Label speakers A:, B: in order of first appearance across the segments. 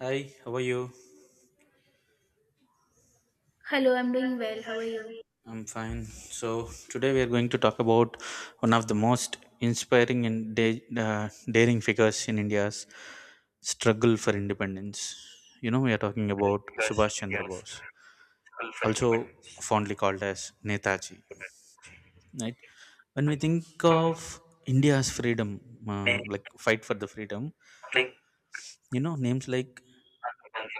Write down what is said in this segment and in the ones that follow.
A: Hi, how are you?
B: Hello, I'm doing well. How are you?
A: I'm fine. So, today we are going to talk about one of the most inspiring and daring figures in India's struggle for independence. We are talking about Subhash Chandra Bose, also fondly called as Netaji, right? When we think of India's freedom, like fight for the freedom, names like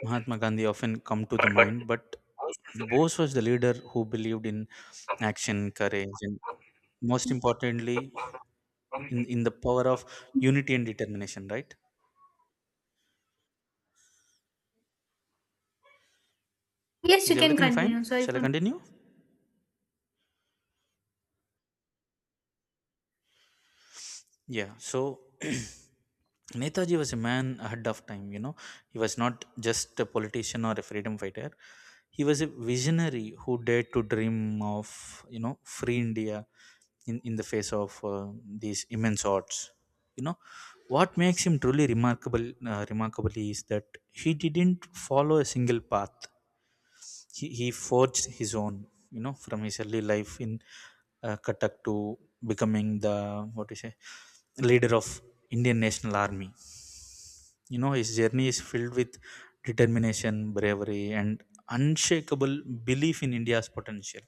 A: Mahatma Gandhi often come to the mind, but Bose was the leader who believed in action, courage, and most
B: Mhm.
A: importantly, in the power of unity and determination, right?
B: Yes,
A: Is
B: you can
A: everything fine?
B: continue. Sorry
A: Shall I
B: for
A: continue? Yeah, so Netaji was a man ahead of time. He was not just a politician or a freedom fighter. He was a visionary who dared to dream of, free India, in the face of these immense odds. You know, what makes him truly remarkable is that he didn't follow a single path, he forged his own, from his early life in Cuttack to becoming the, what do you say, leader of Indian National Army. His journey is filled with determination, bravery, and unshakable belief in India's potential.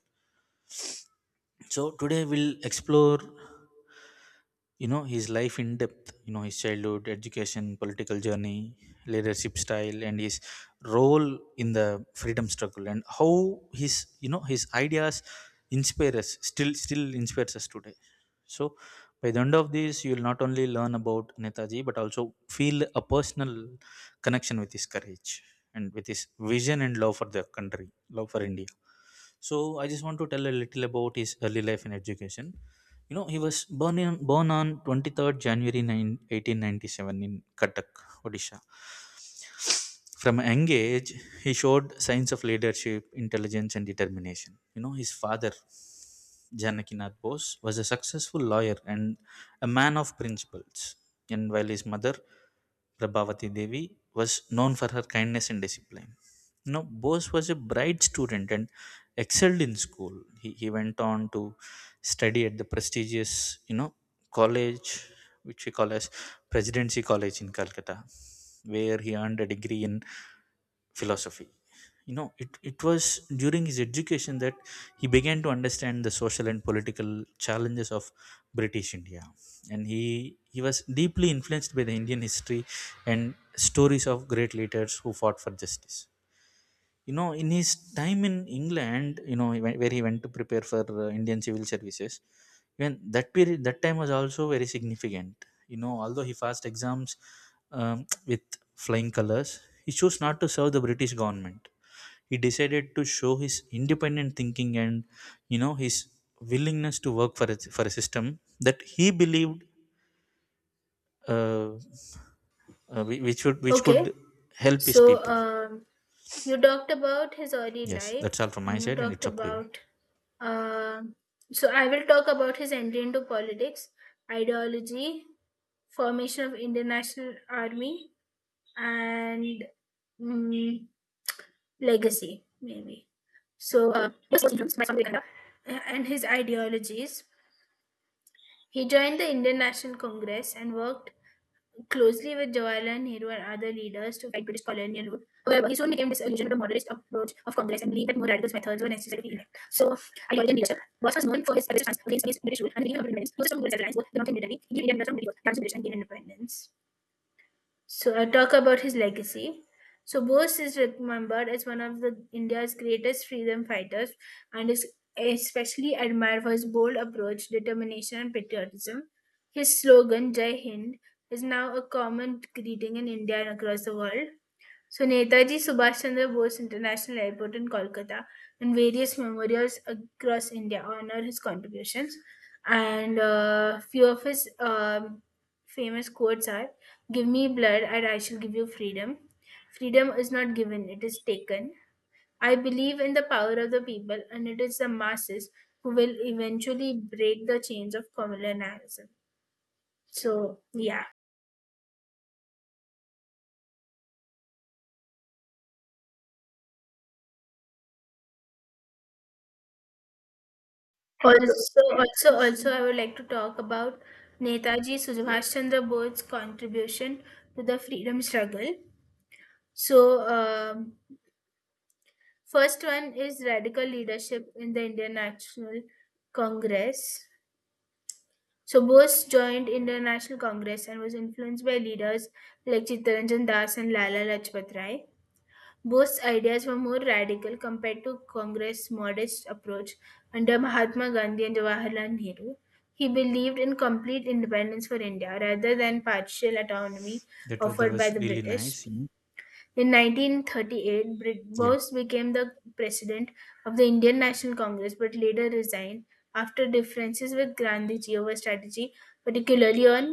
A: So today we'll explore his life in depth, his childhood, education, political journey, leadership style, and his role in the freedom struggle, and how his, his ideas inspire us still inspires us today. So by the end of this, you will not only learn about Netaji but also feel a personal connection with his courage and with his vision and love for the country, love for India. So I just want to tell a little about his early life in education. He was born on 23rd January 9 1897 in Cuttack, Odisha. From a young age, he showed signs of leadership, intelligence, and determination. His father Janakinath Bose was a successful lawyer and a man of principles, and while his mother, Prabhavati Devi, was known for her kindness and discipline. Bose was a bright student and excelled in school. He went on to study at the prestigious, college, which we call as Presidency College in Calcutta, where he earned a degree in philosophy. It was during his education that he began to understand the social and political challenges of British India, and he was deeply influenced by the Indian history and stories of great leaders who fought for justice. In his time in England, he went- where he went to prepare for Indian Civil Services. When that time was also very significant. Although he passed exams um, with flying colors, he chose not to serve the British government. He decided to show his independent thinking and, his willingness to work for a system that he believed, uh, which would which could
B: Okay.
A: help his
B: So,
A: people.
B: um, you talked about his early
A: Yes,
B: life,
A: that's all from my
B: and you
A: side and
B: talked
A: it's up to you.
B: about. um I will talk about his entry into politics, ideology, formation of Indian National Army, and mm, legacy, maybe. So, this was influenced by Swami Vivekananda, and his ideologies. He joined the Indian National Congress and worked closely with Jawaharlal Nehru and other leaders to fight British colonial rule. However, he soon became disillusioned with the moderate approach of Congress and believed that more radical methods were necessary to be elect. So, ideology and leadership. Boss was known for his aggressive stance against British rule and the Indian independence. He was a strong goal alliance, both the mountain military, Indian independence from British, France, British and Indian independence. So I talk about his legacy. So Bose is remembered as one of the India's greatest freedom fighters and is especially admired for his bold approach, determination and patriotism. His slogan, Jai Hind, is now a common greeting in India and across the world. So Netaji Subhash Chandra Bose International Airport in Kolkata and various memorials across India honor his contributions. And few of his famous quotes are: Give me blood and I shall give you freedom. Freedom is not given, it is taken. I believe in the power of the people, and it is the masses who will eventually break the chains of communalism. So, yeah. Also, I would like to talk about Netaji Subhash Chandra Bose's contribution to the freedom struggle. So, um, first one is radical leadership in the Indian National Congress. So, Bose joined Indian National Congress and was influenced by leaders like Chittaranjan Das and Lala Lajpat Rai. Bose's ideas were more radical compared to Congress' modest approach under Mahatma Gandhi and Jawaharlal Nehru. He believed in complete independence for India rather than partial autonomy
A: that was that
B: offered
A: was
B: by the
A: really
B: British.
A: nice.
B: In 1938,
A: Yeah.
B: Bose became the president of the Indian National Congress but later resigned after differences with Gandhiji over strategy, particularly on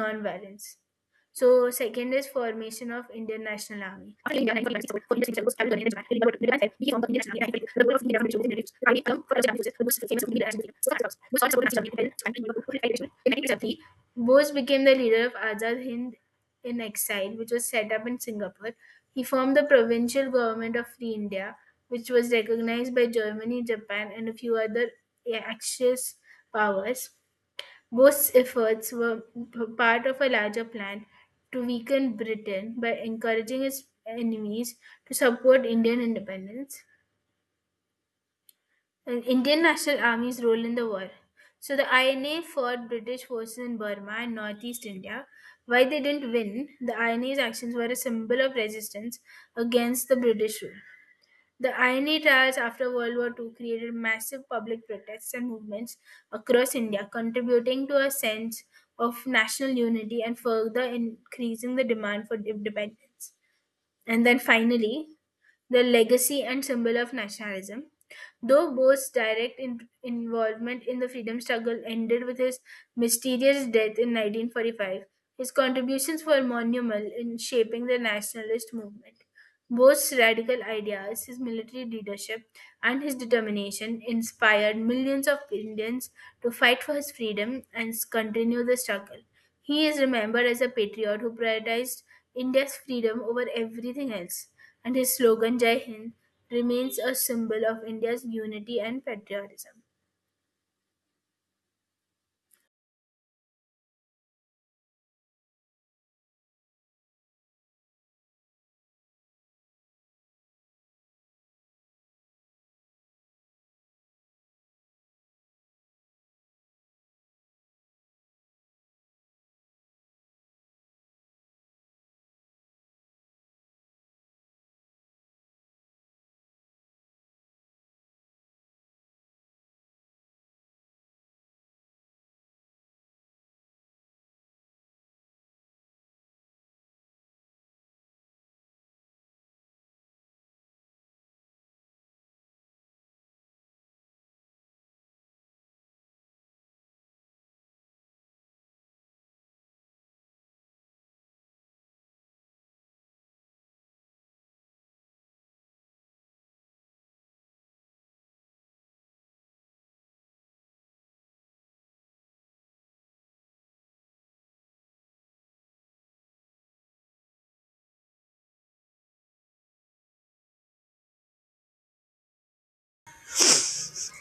B: nonviolence. So second is formation of Indian National Army. After India, 1946, foreign Indian service started running in Japan. During the war, the became the Indian National Army. The role of Indian National Army was army along for the army was famous for Indian National Army. So that's Bose also supported National Army and Japan. In 1973, Bose became the leader of Azad Hind in exile, which was set up in Singapore. He formed the provincial government of Free India, which was recognized by Germany, Japan, and a few other, yeah, Axis powers. Both efforts were part of a larger plan to weaken Britain by encouraging its enemies to support Indian independence and Indian National Army's role in the war. So the INA fought British forces in Burma and northeast India. While they didn't win, the INA's actions were a symbol of resistance against the British rule. The INA Trials after World War Two created massive public protests and movements across India, contributing to a sense of national unity and further increasing the demand for independence. And then finally, the legacy and symbol of nationalism. Though Bose's direct involvement in the freedom struggle ended with his mysterious death in 1945, his contributions were monumental in shaping the nationalist movement. Bose's radical ideas, his military leadership, and his determination inspired millions of Indians to fight for his freedom and continue the struggle. He is remembered as a patriot who prioritized India's freedom over everything else and his slogan "Jai Hind" remains a symbol of India's unity and patriotism.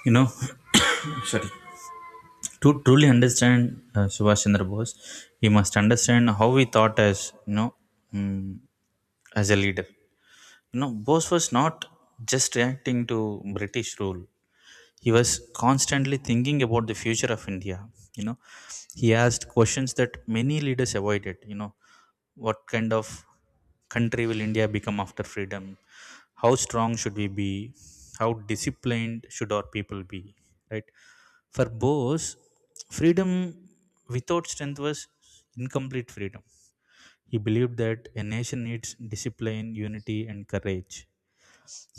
A: You know Sorry, to truly understand, Subhash Chandra Bose, we must understand how he thought as, you know mm as a leader. Bose was not just reacting to British rule. He was constantly thinking about the future of India. You know he asked questions that many leaders avoided. What kind of country will India become after freedom? How strong should we be? How disciplined should our people be, right? For Bose, freedom without strength was incomplete freedom. He believed that a nation needs discipline, unity, and courage.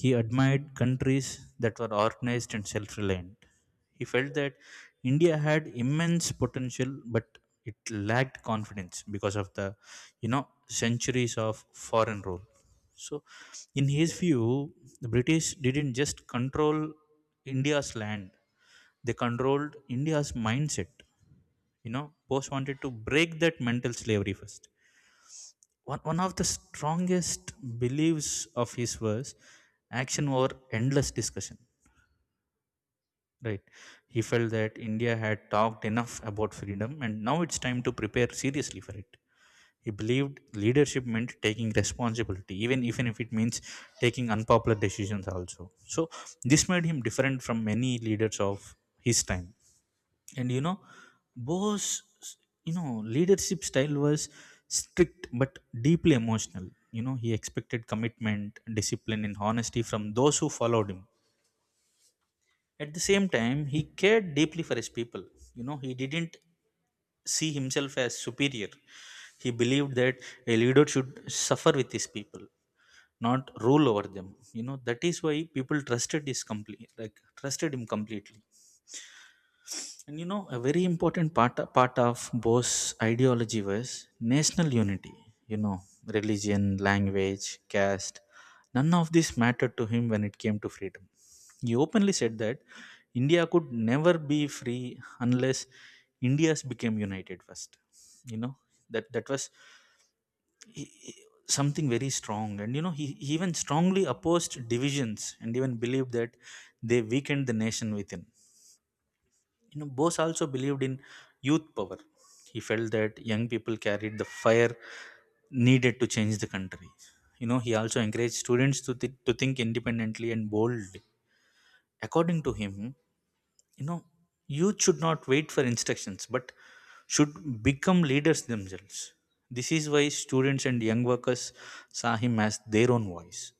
A: He admired countries that were organized and self reliant. He felt that India had immense potential, but it lacked confidence because of the, centuries of foreign rule. So, in his view, the British didn't just control India's land, they controlled India's mindset. Bose wanted to break that mental slavery first. One of the strongest beliefs of his was action over endless discussion, right? He felt that India had talked enough about freedom and now it's time to prepare seriously for it. He believed leadership meant taking responsibility, even if it means taking unpopular decisions also. So this made him different from many leaders of his time. And Bo's leadership style was strict but deeply emotional. He expected commitment, discipline, and honesty from those who followed him. At the same time, he cared deeply for his people. He didn't see himself as superior. He believed that a leader should suffer with his people, not rule over them. You know that is why people trusted him completely. And, a very important part of Bose ideology was national unity. You know, religion, language, caste, none of this mattered to him when it came to freedom. He openly said that India could never be free unless India's became united first. You know, that was he- he- something very strong. And he even strongly opposed divisions and even believed that they weakened the nation within. Bose also believed in youth power. He felt that young people carried the fire needed to change the country. He also encouraged students to think independently and boldly. According to him, you know, youth should not wait for instructions but should become leaders themselves. This is why students and young workers saw him as their own voice.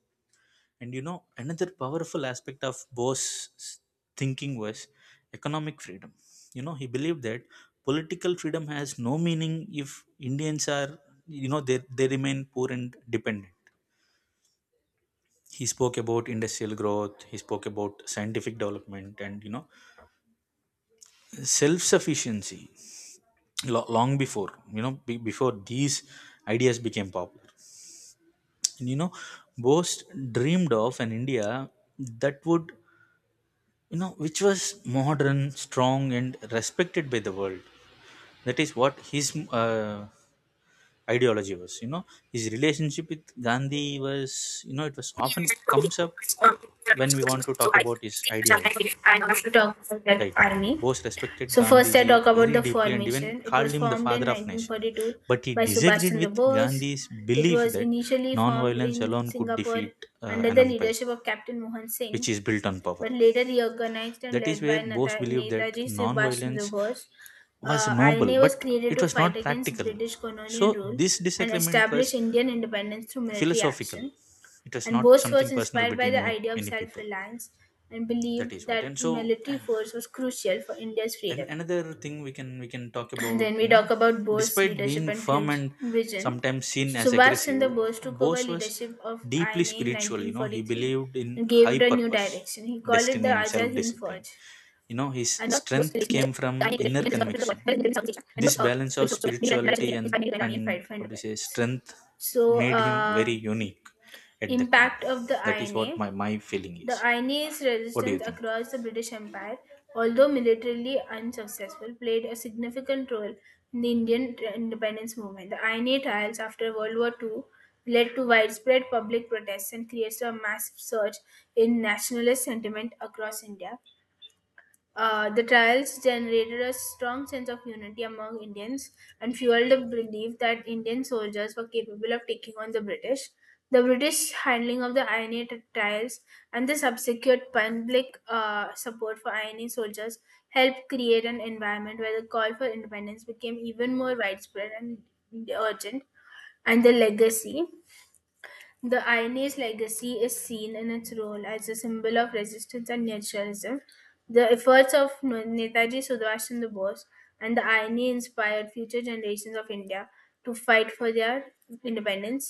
A: And another powerful aspect of Bose's thinking was economic freedom. He believed that political freedom has no meaning if Indians are, you know, they remain poor and dependent. He spoke about industrial growth, he spoke about scientific development, and, self sufficiency long before, before these ideas became popular. And, Bose dreamed of an India that would you know which was modern, strong, and respected by the world. That is what his, uh, ideology was. His relationship with Gandhi was, it was
B: And
A: often
B: if
A: comes up when we want to talk about his ideology,
B: to talk about that
A: right?
B: army,
A: Bose respected
B: so first I
A: Gandhiji
B: talk about
A: very
B: the
A: deeply and even
B: formation. It
A: called
B: was
A: him the
B: formed in
A: father of nation,
B: 1942
A: but he
B: by Subhash
A: disagreed
B: Chandra
A: with
B: Bose.
A: Gandhi's
B: It
A: belief
B: was
A: that
B: initially formed
A: non-violence
B: in
A: alone could
B: Singapore
A: defeat,
B: under
A: an
B: the
A: empire
B: leadership of Captain Mohan
A: which
B: Singh
A: is built on power.
B: but later reorganized and
A: That is
B: led by
A: where Bose believed that
B: Netaji Subhash Chandra
A: non-violence
B: Bose.
A: was noble,
B: INA was
A: but
B: created
A: it
B: to
A: was
B: fight
A: not
B: against
A: practical.
B: British colonial
A: So
B: rule
A: this
B: and
A: disagreement was
B: establish Indian independence through military
A: philosophical.
B: action.
A: It was
B: And
A: not
B: Bose
A: something
B: was
A: personal
B: inspired by
A: between
B: the
A: any
B: idea of
A: any
B: self
A: people.
B: reliance and
A: That
B: believed
A: is what. And
B: that
A: so,
B: military force was crucial for India's
A: and
B: freedom.
A: another thing we can talk about,
B: Then we talk about Bose's
A: despite
B: leadership
A: being
B: and
A: firm
B: future
A: and
B: vision.
A: sometimes seen
B: So
A: as
B: Subhash Chandra
A: aggressive,
B: Bose took over
A: Bose was
B: leadership of
A: deeply
B: INA in
A: spiritual. He
B: 1943
A: believed in
B: and gave
A: high
B: it a new
A: purpose,
B: direction. He called it the
A: destiny, and self
B: Azad Hind
A: discipline.
B: Fauj,
A: His
B: and the most
A: strength
B: released in
A: came
B: the
A: from
B: Indian
A: inner
B: Indian of the world,
A: conviction.
B: well, in Southeast Asia, and
A: This
B: most
A: balance of
B: it's also very relatively
A: spirituality and
B: inspired by Iranian
A: and
B: Right,
A: what do you say
B: right.
A: strength
B: So,
A: made him very unique at that time.
B: impact of the
A: That is what
B: INA.
A: my feeling
B: The
A: is.
B: INA's
A: What do you
B: resistance
A: think?
B: across the British Empire, although militarily unsuccessful, played a significant role in the Indian independence movement. The INA trials after World War II led to widespread public protests and created a massive surge in nationalist sentiment across India. The trials generated a strong sense of unity among Indians and fueled the belief that Indian soldiers were capable of taking on the British. The British handling of the INA trials and the subsequent public support for INA soldiers helped create an environment where the call for independence became even more widespread and urgent, and the legacy the INA's legacy is seen in its role as a symbol of resistance and nationalism. The efforts of Netaji Subhash Chandra Bose and the INA inspired future generations of India to fight for their independence.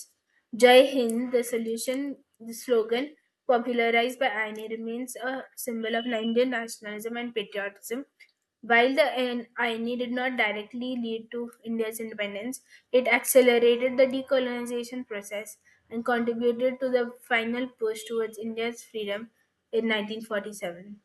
B: "Jai Hind, the Solution", the slogan popularised by Aine, remains a symbol of Indian nationalism and patriotism. While the Aine did not directly lead to India's independence, it accelerated the decolonization process and contributed to the final push towards India's freedom in 1947.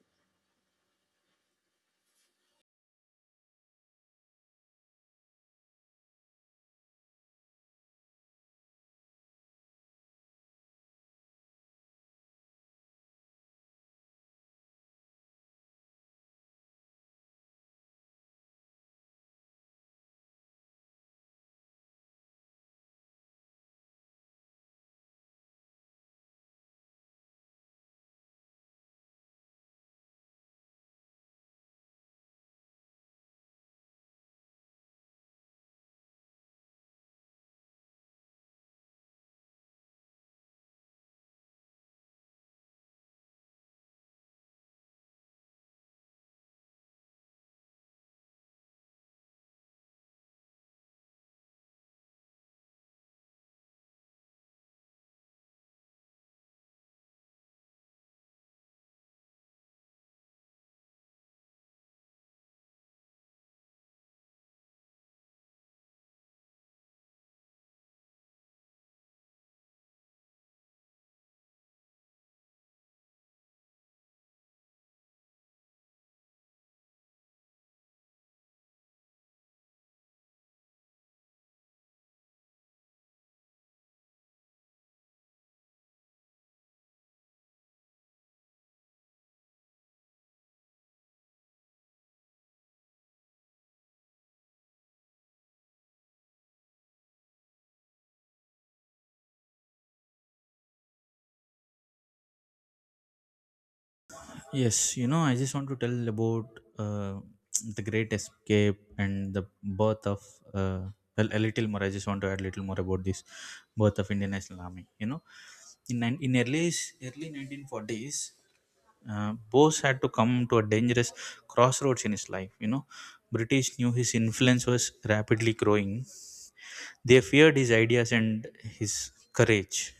A: Yes, I just want to tell about, uh, the Great Escape and the birth of, uh, a little more. I just want to add a little more about this birth of Indian National Army. In early 1940s, Bose had to come to a dangerous crossroads in his life. British knew his influence was rapidly growing. They feared his ideas and his courage.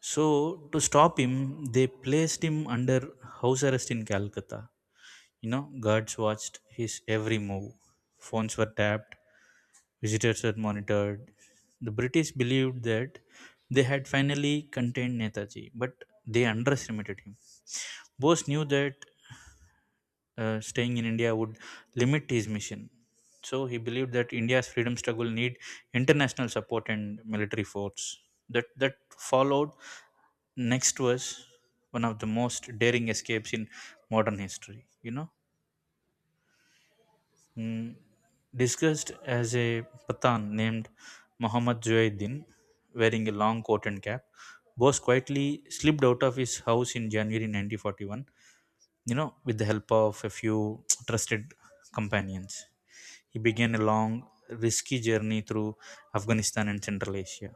A: So, to stop him, they placed him under house arrest in Calcutta. Guards watched his every move. Phones were tapped, visitors were monitored. The British believed that they had finally contained Netaji, but they underestimated him. Bose knew that, staying in India would limit his mission. So he believed that India's freedom struggle need international support and military force. That followed next was one of the most daring escapes in modern history. Mm, disguised as a Pathan named Muhammad Zuaiddin, wearing a long coat and cap, Bose quietly slipped out of his house in January 1941, with the help of a few trusted companions. He began a long, risky journey through Afghanistan and Central Asia.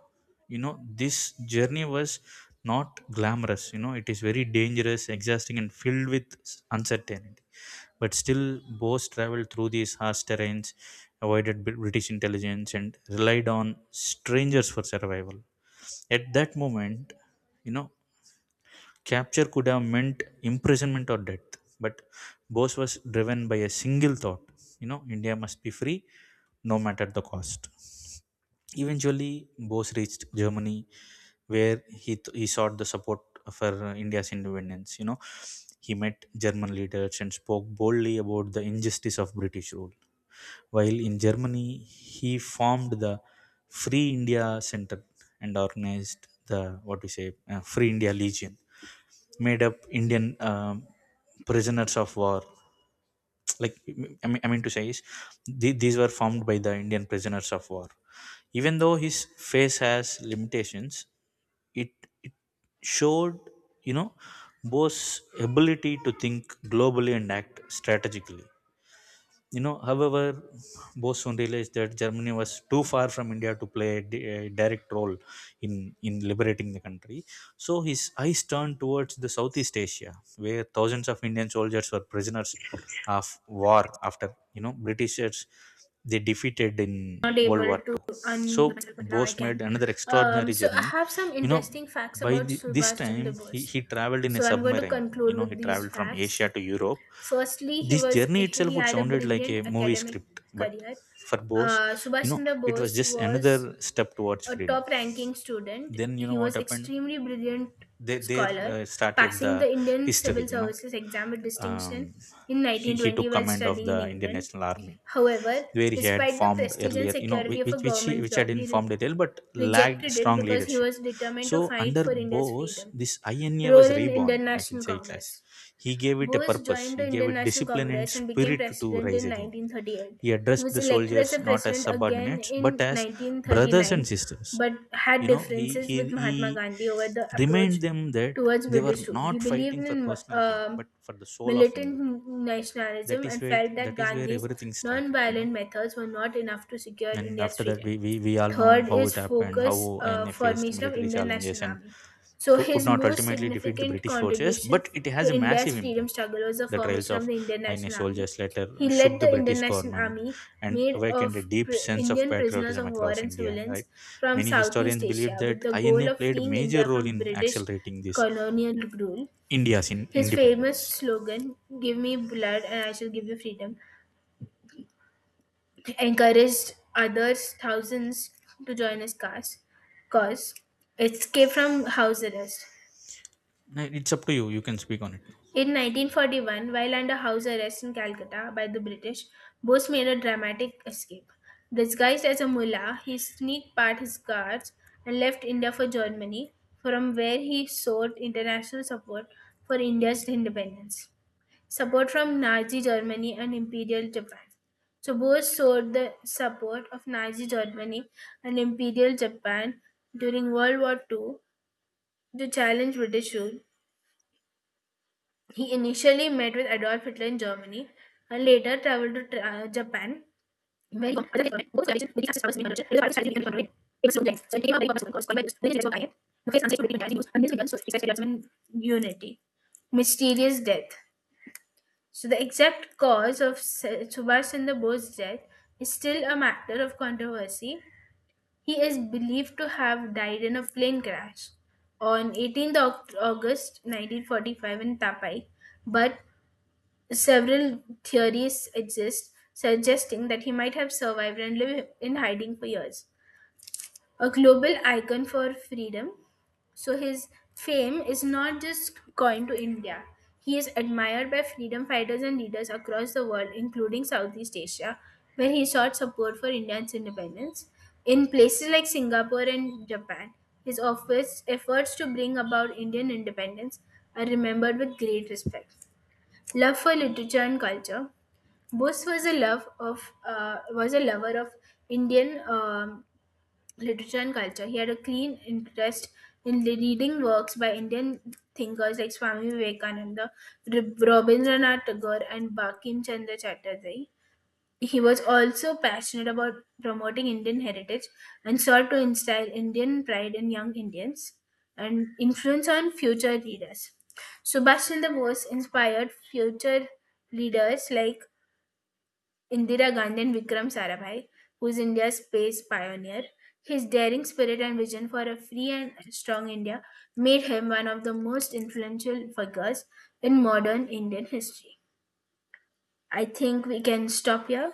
A: This journey was not glamorous, it is very dangerous, exhausting, and filled with uncertainty. But still, Bose traveled through these harsh terrains, avoided British intelligence, and relied on strangers for survival. At that moment, you know, capture could have meant imprisonment or death. But Bose was driven by a single thought, India must be free no matter the cost. Eventually, Bose reached Germany where he sought the support for, India's independence. He met German leaders and spoke boldly about the injustice of British rule. While in Germany, he formed the Free India Center and organized the, what we say, Free India Legion, made up Indian, prisoners of war. Like I mean to say is th- these were formed by the Indian prisoners of war. Even though his face has limitations, it it showed you know Bose's ability to think globally and act strategically. However, both soon realized that Germany was too far from India to play a direct role in liberating the country. So his eyes turned towards the Southeast Asia, where thousands of Indian soldiers were prisoners of war after, Britishers they defeated in
B: Not
A: World
B: able
A: War
B: to
A: Two.
B: undo
A: So
B: myself, but now I
A: Bose made
B: can.
A: another extraordinary
B: So I
A: journey.
B: have some
A: You know,
B: interesting facts
A: by
B: about
A: the, this
B: Subhash Chandra
A: time he,
B: Bose.
A: he traveled in a
B: So I'm going to
A: submarine. You
B: conclude
A: know, he
B: with these
A: traveled from
B: facts.
A: Asia to Europe.
B: Firstly,
A: This journey itself
B: he
A: would
B: had a
A: sounded like a
B: brilliant
A: movie
B: academic
A: script, but
B: career.
A: for Bose,
B: Subhash Chandra
A: it was
B: Bose
A: just another
B: was
A: step towards
B: a
A: freedom.
B: top ranking student.
A: Then you know
B: He
A: what
B: was
A: happened,
B: extremely brilliant
A: they there
B: scholar,
A: started
B: passing
A: the
B: the Indian
A: history.
B: Civil Services exam with distinction
A: Um,
B: in
A: he
B: 1920
A: took
B: while
A: command of
B: studying in
A: the Indian
B: England.
A: National Army,
B: However,
A: where he had
B: despite the
A: formed
B: prestige and
A: earlier, you know,
B: security
A: which
B: of
A: which,
B: a
A: which he,
B: government
A: which had
B: job, he
A: informed earlier but lacked
B: rejected it
A: strong
B: because he
A: leadership.
B: was determined to
A: So
B: fight
A: under
B: for India's
A: Bose,
B: freedom.
A: this INA was
B: Role in
A: reborn. I can
B: International
A: say it as
B: Congress.
A: he gave it a
B: Bose
A: purpose.
B: joined
A: He
B: the
A: gave
B: Indian
A: it
B: National
A: discipline and
B: Congress and became
A: spirit to
B: president
A: rise
B: in
A: again.
B: 1938.
A: He
B: He
A: addressed
B: was
A: the
B: elected as a
A: soldiers not as
B: president again
A: subordinates, but
B: in
A: as brothers and
B: 1939
A: sisters.
B: but had
A: You know, he,
B: differences with
A: he,
B: Mahatma
A: he
B: Gandhi over the
A: remind
B: approach
A: them that
B: towards
A: they were
B: British rule. He
A: not
B: believed
A: fighting for
B: in
A: personal gain, but for the soul of India.
B: militant
A: That
B: nationalism
A: is
B: and
A: where
B: felt that
A: that is where
B: Gandhi's
A: everything started. You
B: non-violent
A: know,
B: methods were not enough to secure
A: and
B: India's
A: after that,
B: freedom.
A: we all know
B: Third
A: how
B: is
A: it happened,
B: focus
A: how INA faced
B: formation of
A: military
B: Indian
A: challenges
B: National
A: and
B: Army. So
A: could
B: his
A: not
B: most
A: ultimately defeat the
B: significant
A: British forces,
B: contribution
A: but it has
B: to
A: a
B: India's
A: massive
B: freedom
A: impact.
B: struggle was the
A: The trials
B: formation of
A: of
B: the Indian
A: INA
B: National Army.
A: soldiers later
B: He
A: shook
B: led
A: the
B: the Indian
A: British
B: National
A: government
B: Army
A: and
B: made
A: awakened a
B: of
A: deep sense of
B: Indian prisoners
A: patriotism
B: of war
A: across
B: and
A: India. Right,
B: civilians from
A: many historians
B: Southeast
A: believe
B: Asia with
A: that
B: the
A: INA
B: goal of
A: played a
B: freeing
A: major
B: India
A: role
B: from
A: in
B: British
A: accelerating this
B: colonial rule.
A: India's in
B: His famous
A: independence.
B: slogan, Give me blood and I shall give you freedom, encouraged others, thousands, to join his cause. Cause escape from house arrest.
A: Now, it's up to you. You can speak on it now.
B: In 1941, while under house arrest in Calcutta by the British, Bose made a dramatic escape. Disguised as a mullah, he sneaked past his guards and left India for Germany, from where he sought international support for India's independence. Support from Nazi Germany and Imperial Japan. So both sought the support of Nazi Germany and Imperial Japan during World War II to challenge British rule. He initially met with Adolf Hitler in Germany and later traveled to Japan. Where he confronted the Japan. Both coalitions with the Axis powers in 1900. It was a strategy in control. It was so intense. So it became a very powerful force, called by the British as well, I am. The face answers to British and Japanese and this began to expect Japan unity. Mysterious death. So the exact cause of Subhash Chandra Bose's death is still a matter of controversy. He is believed to have died in a plane crash on 18th August 1945 in Tapai, but several theories exist suggesting that he might have survived and lived in hiding for years. A global icon for freedom. So his fame is not just confined to India. He is admired by freedom fighters and leaders across the world, including Southeast Asia, where he sought support for India's independence. In places like Singapore and Japan, his office efforts to bring about Indian independence are remembered with great respect. Love for literature and culture. Bose was a love of was a lover of Indian literature and culture. He had a keen interest in reading works by Indian thinkers like Swami Vivekananda, Rabindranath Tagore, and Bankim Chandra Chatterjee. He was also passionate about promoting Indian heritage and sought to instill Indian pride in young Indians and influence on future leaders. Subhash Chandra Bose inspired future leaders like Indira Gandhi and Vikram Sarabhai, who is India's space pioneer. His daring spirit and vision for a free and strong India made him one of the most influential figures in modern Indian history. I think we can stop here.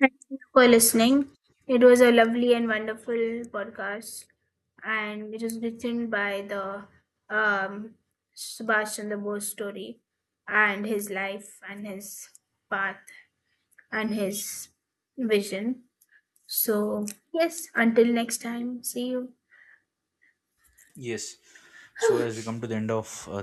B: Thank you for listening. It was a lovely and wonderful podcast, and it was written by the um, Subhash Chandra Bose story and his life and his path. And his vision. So, yes, until next time, see you.
A: Yes. So as we come to the end of uh,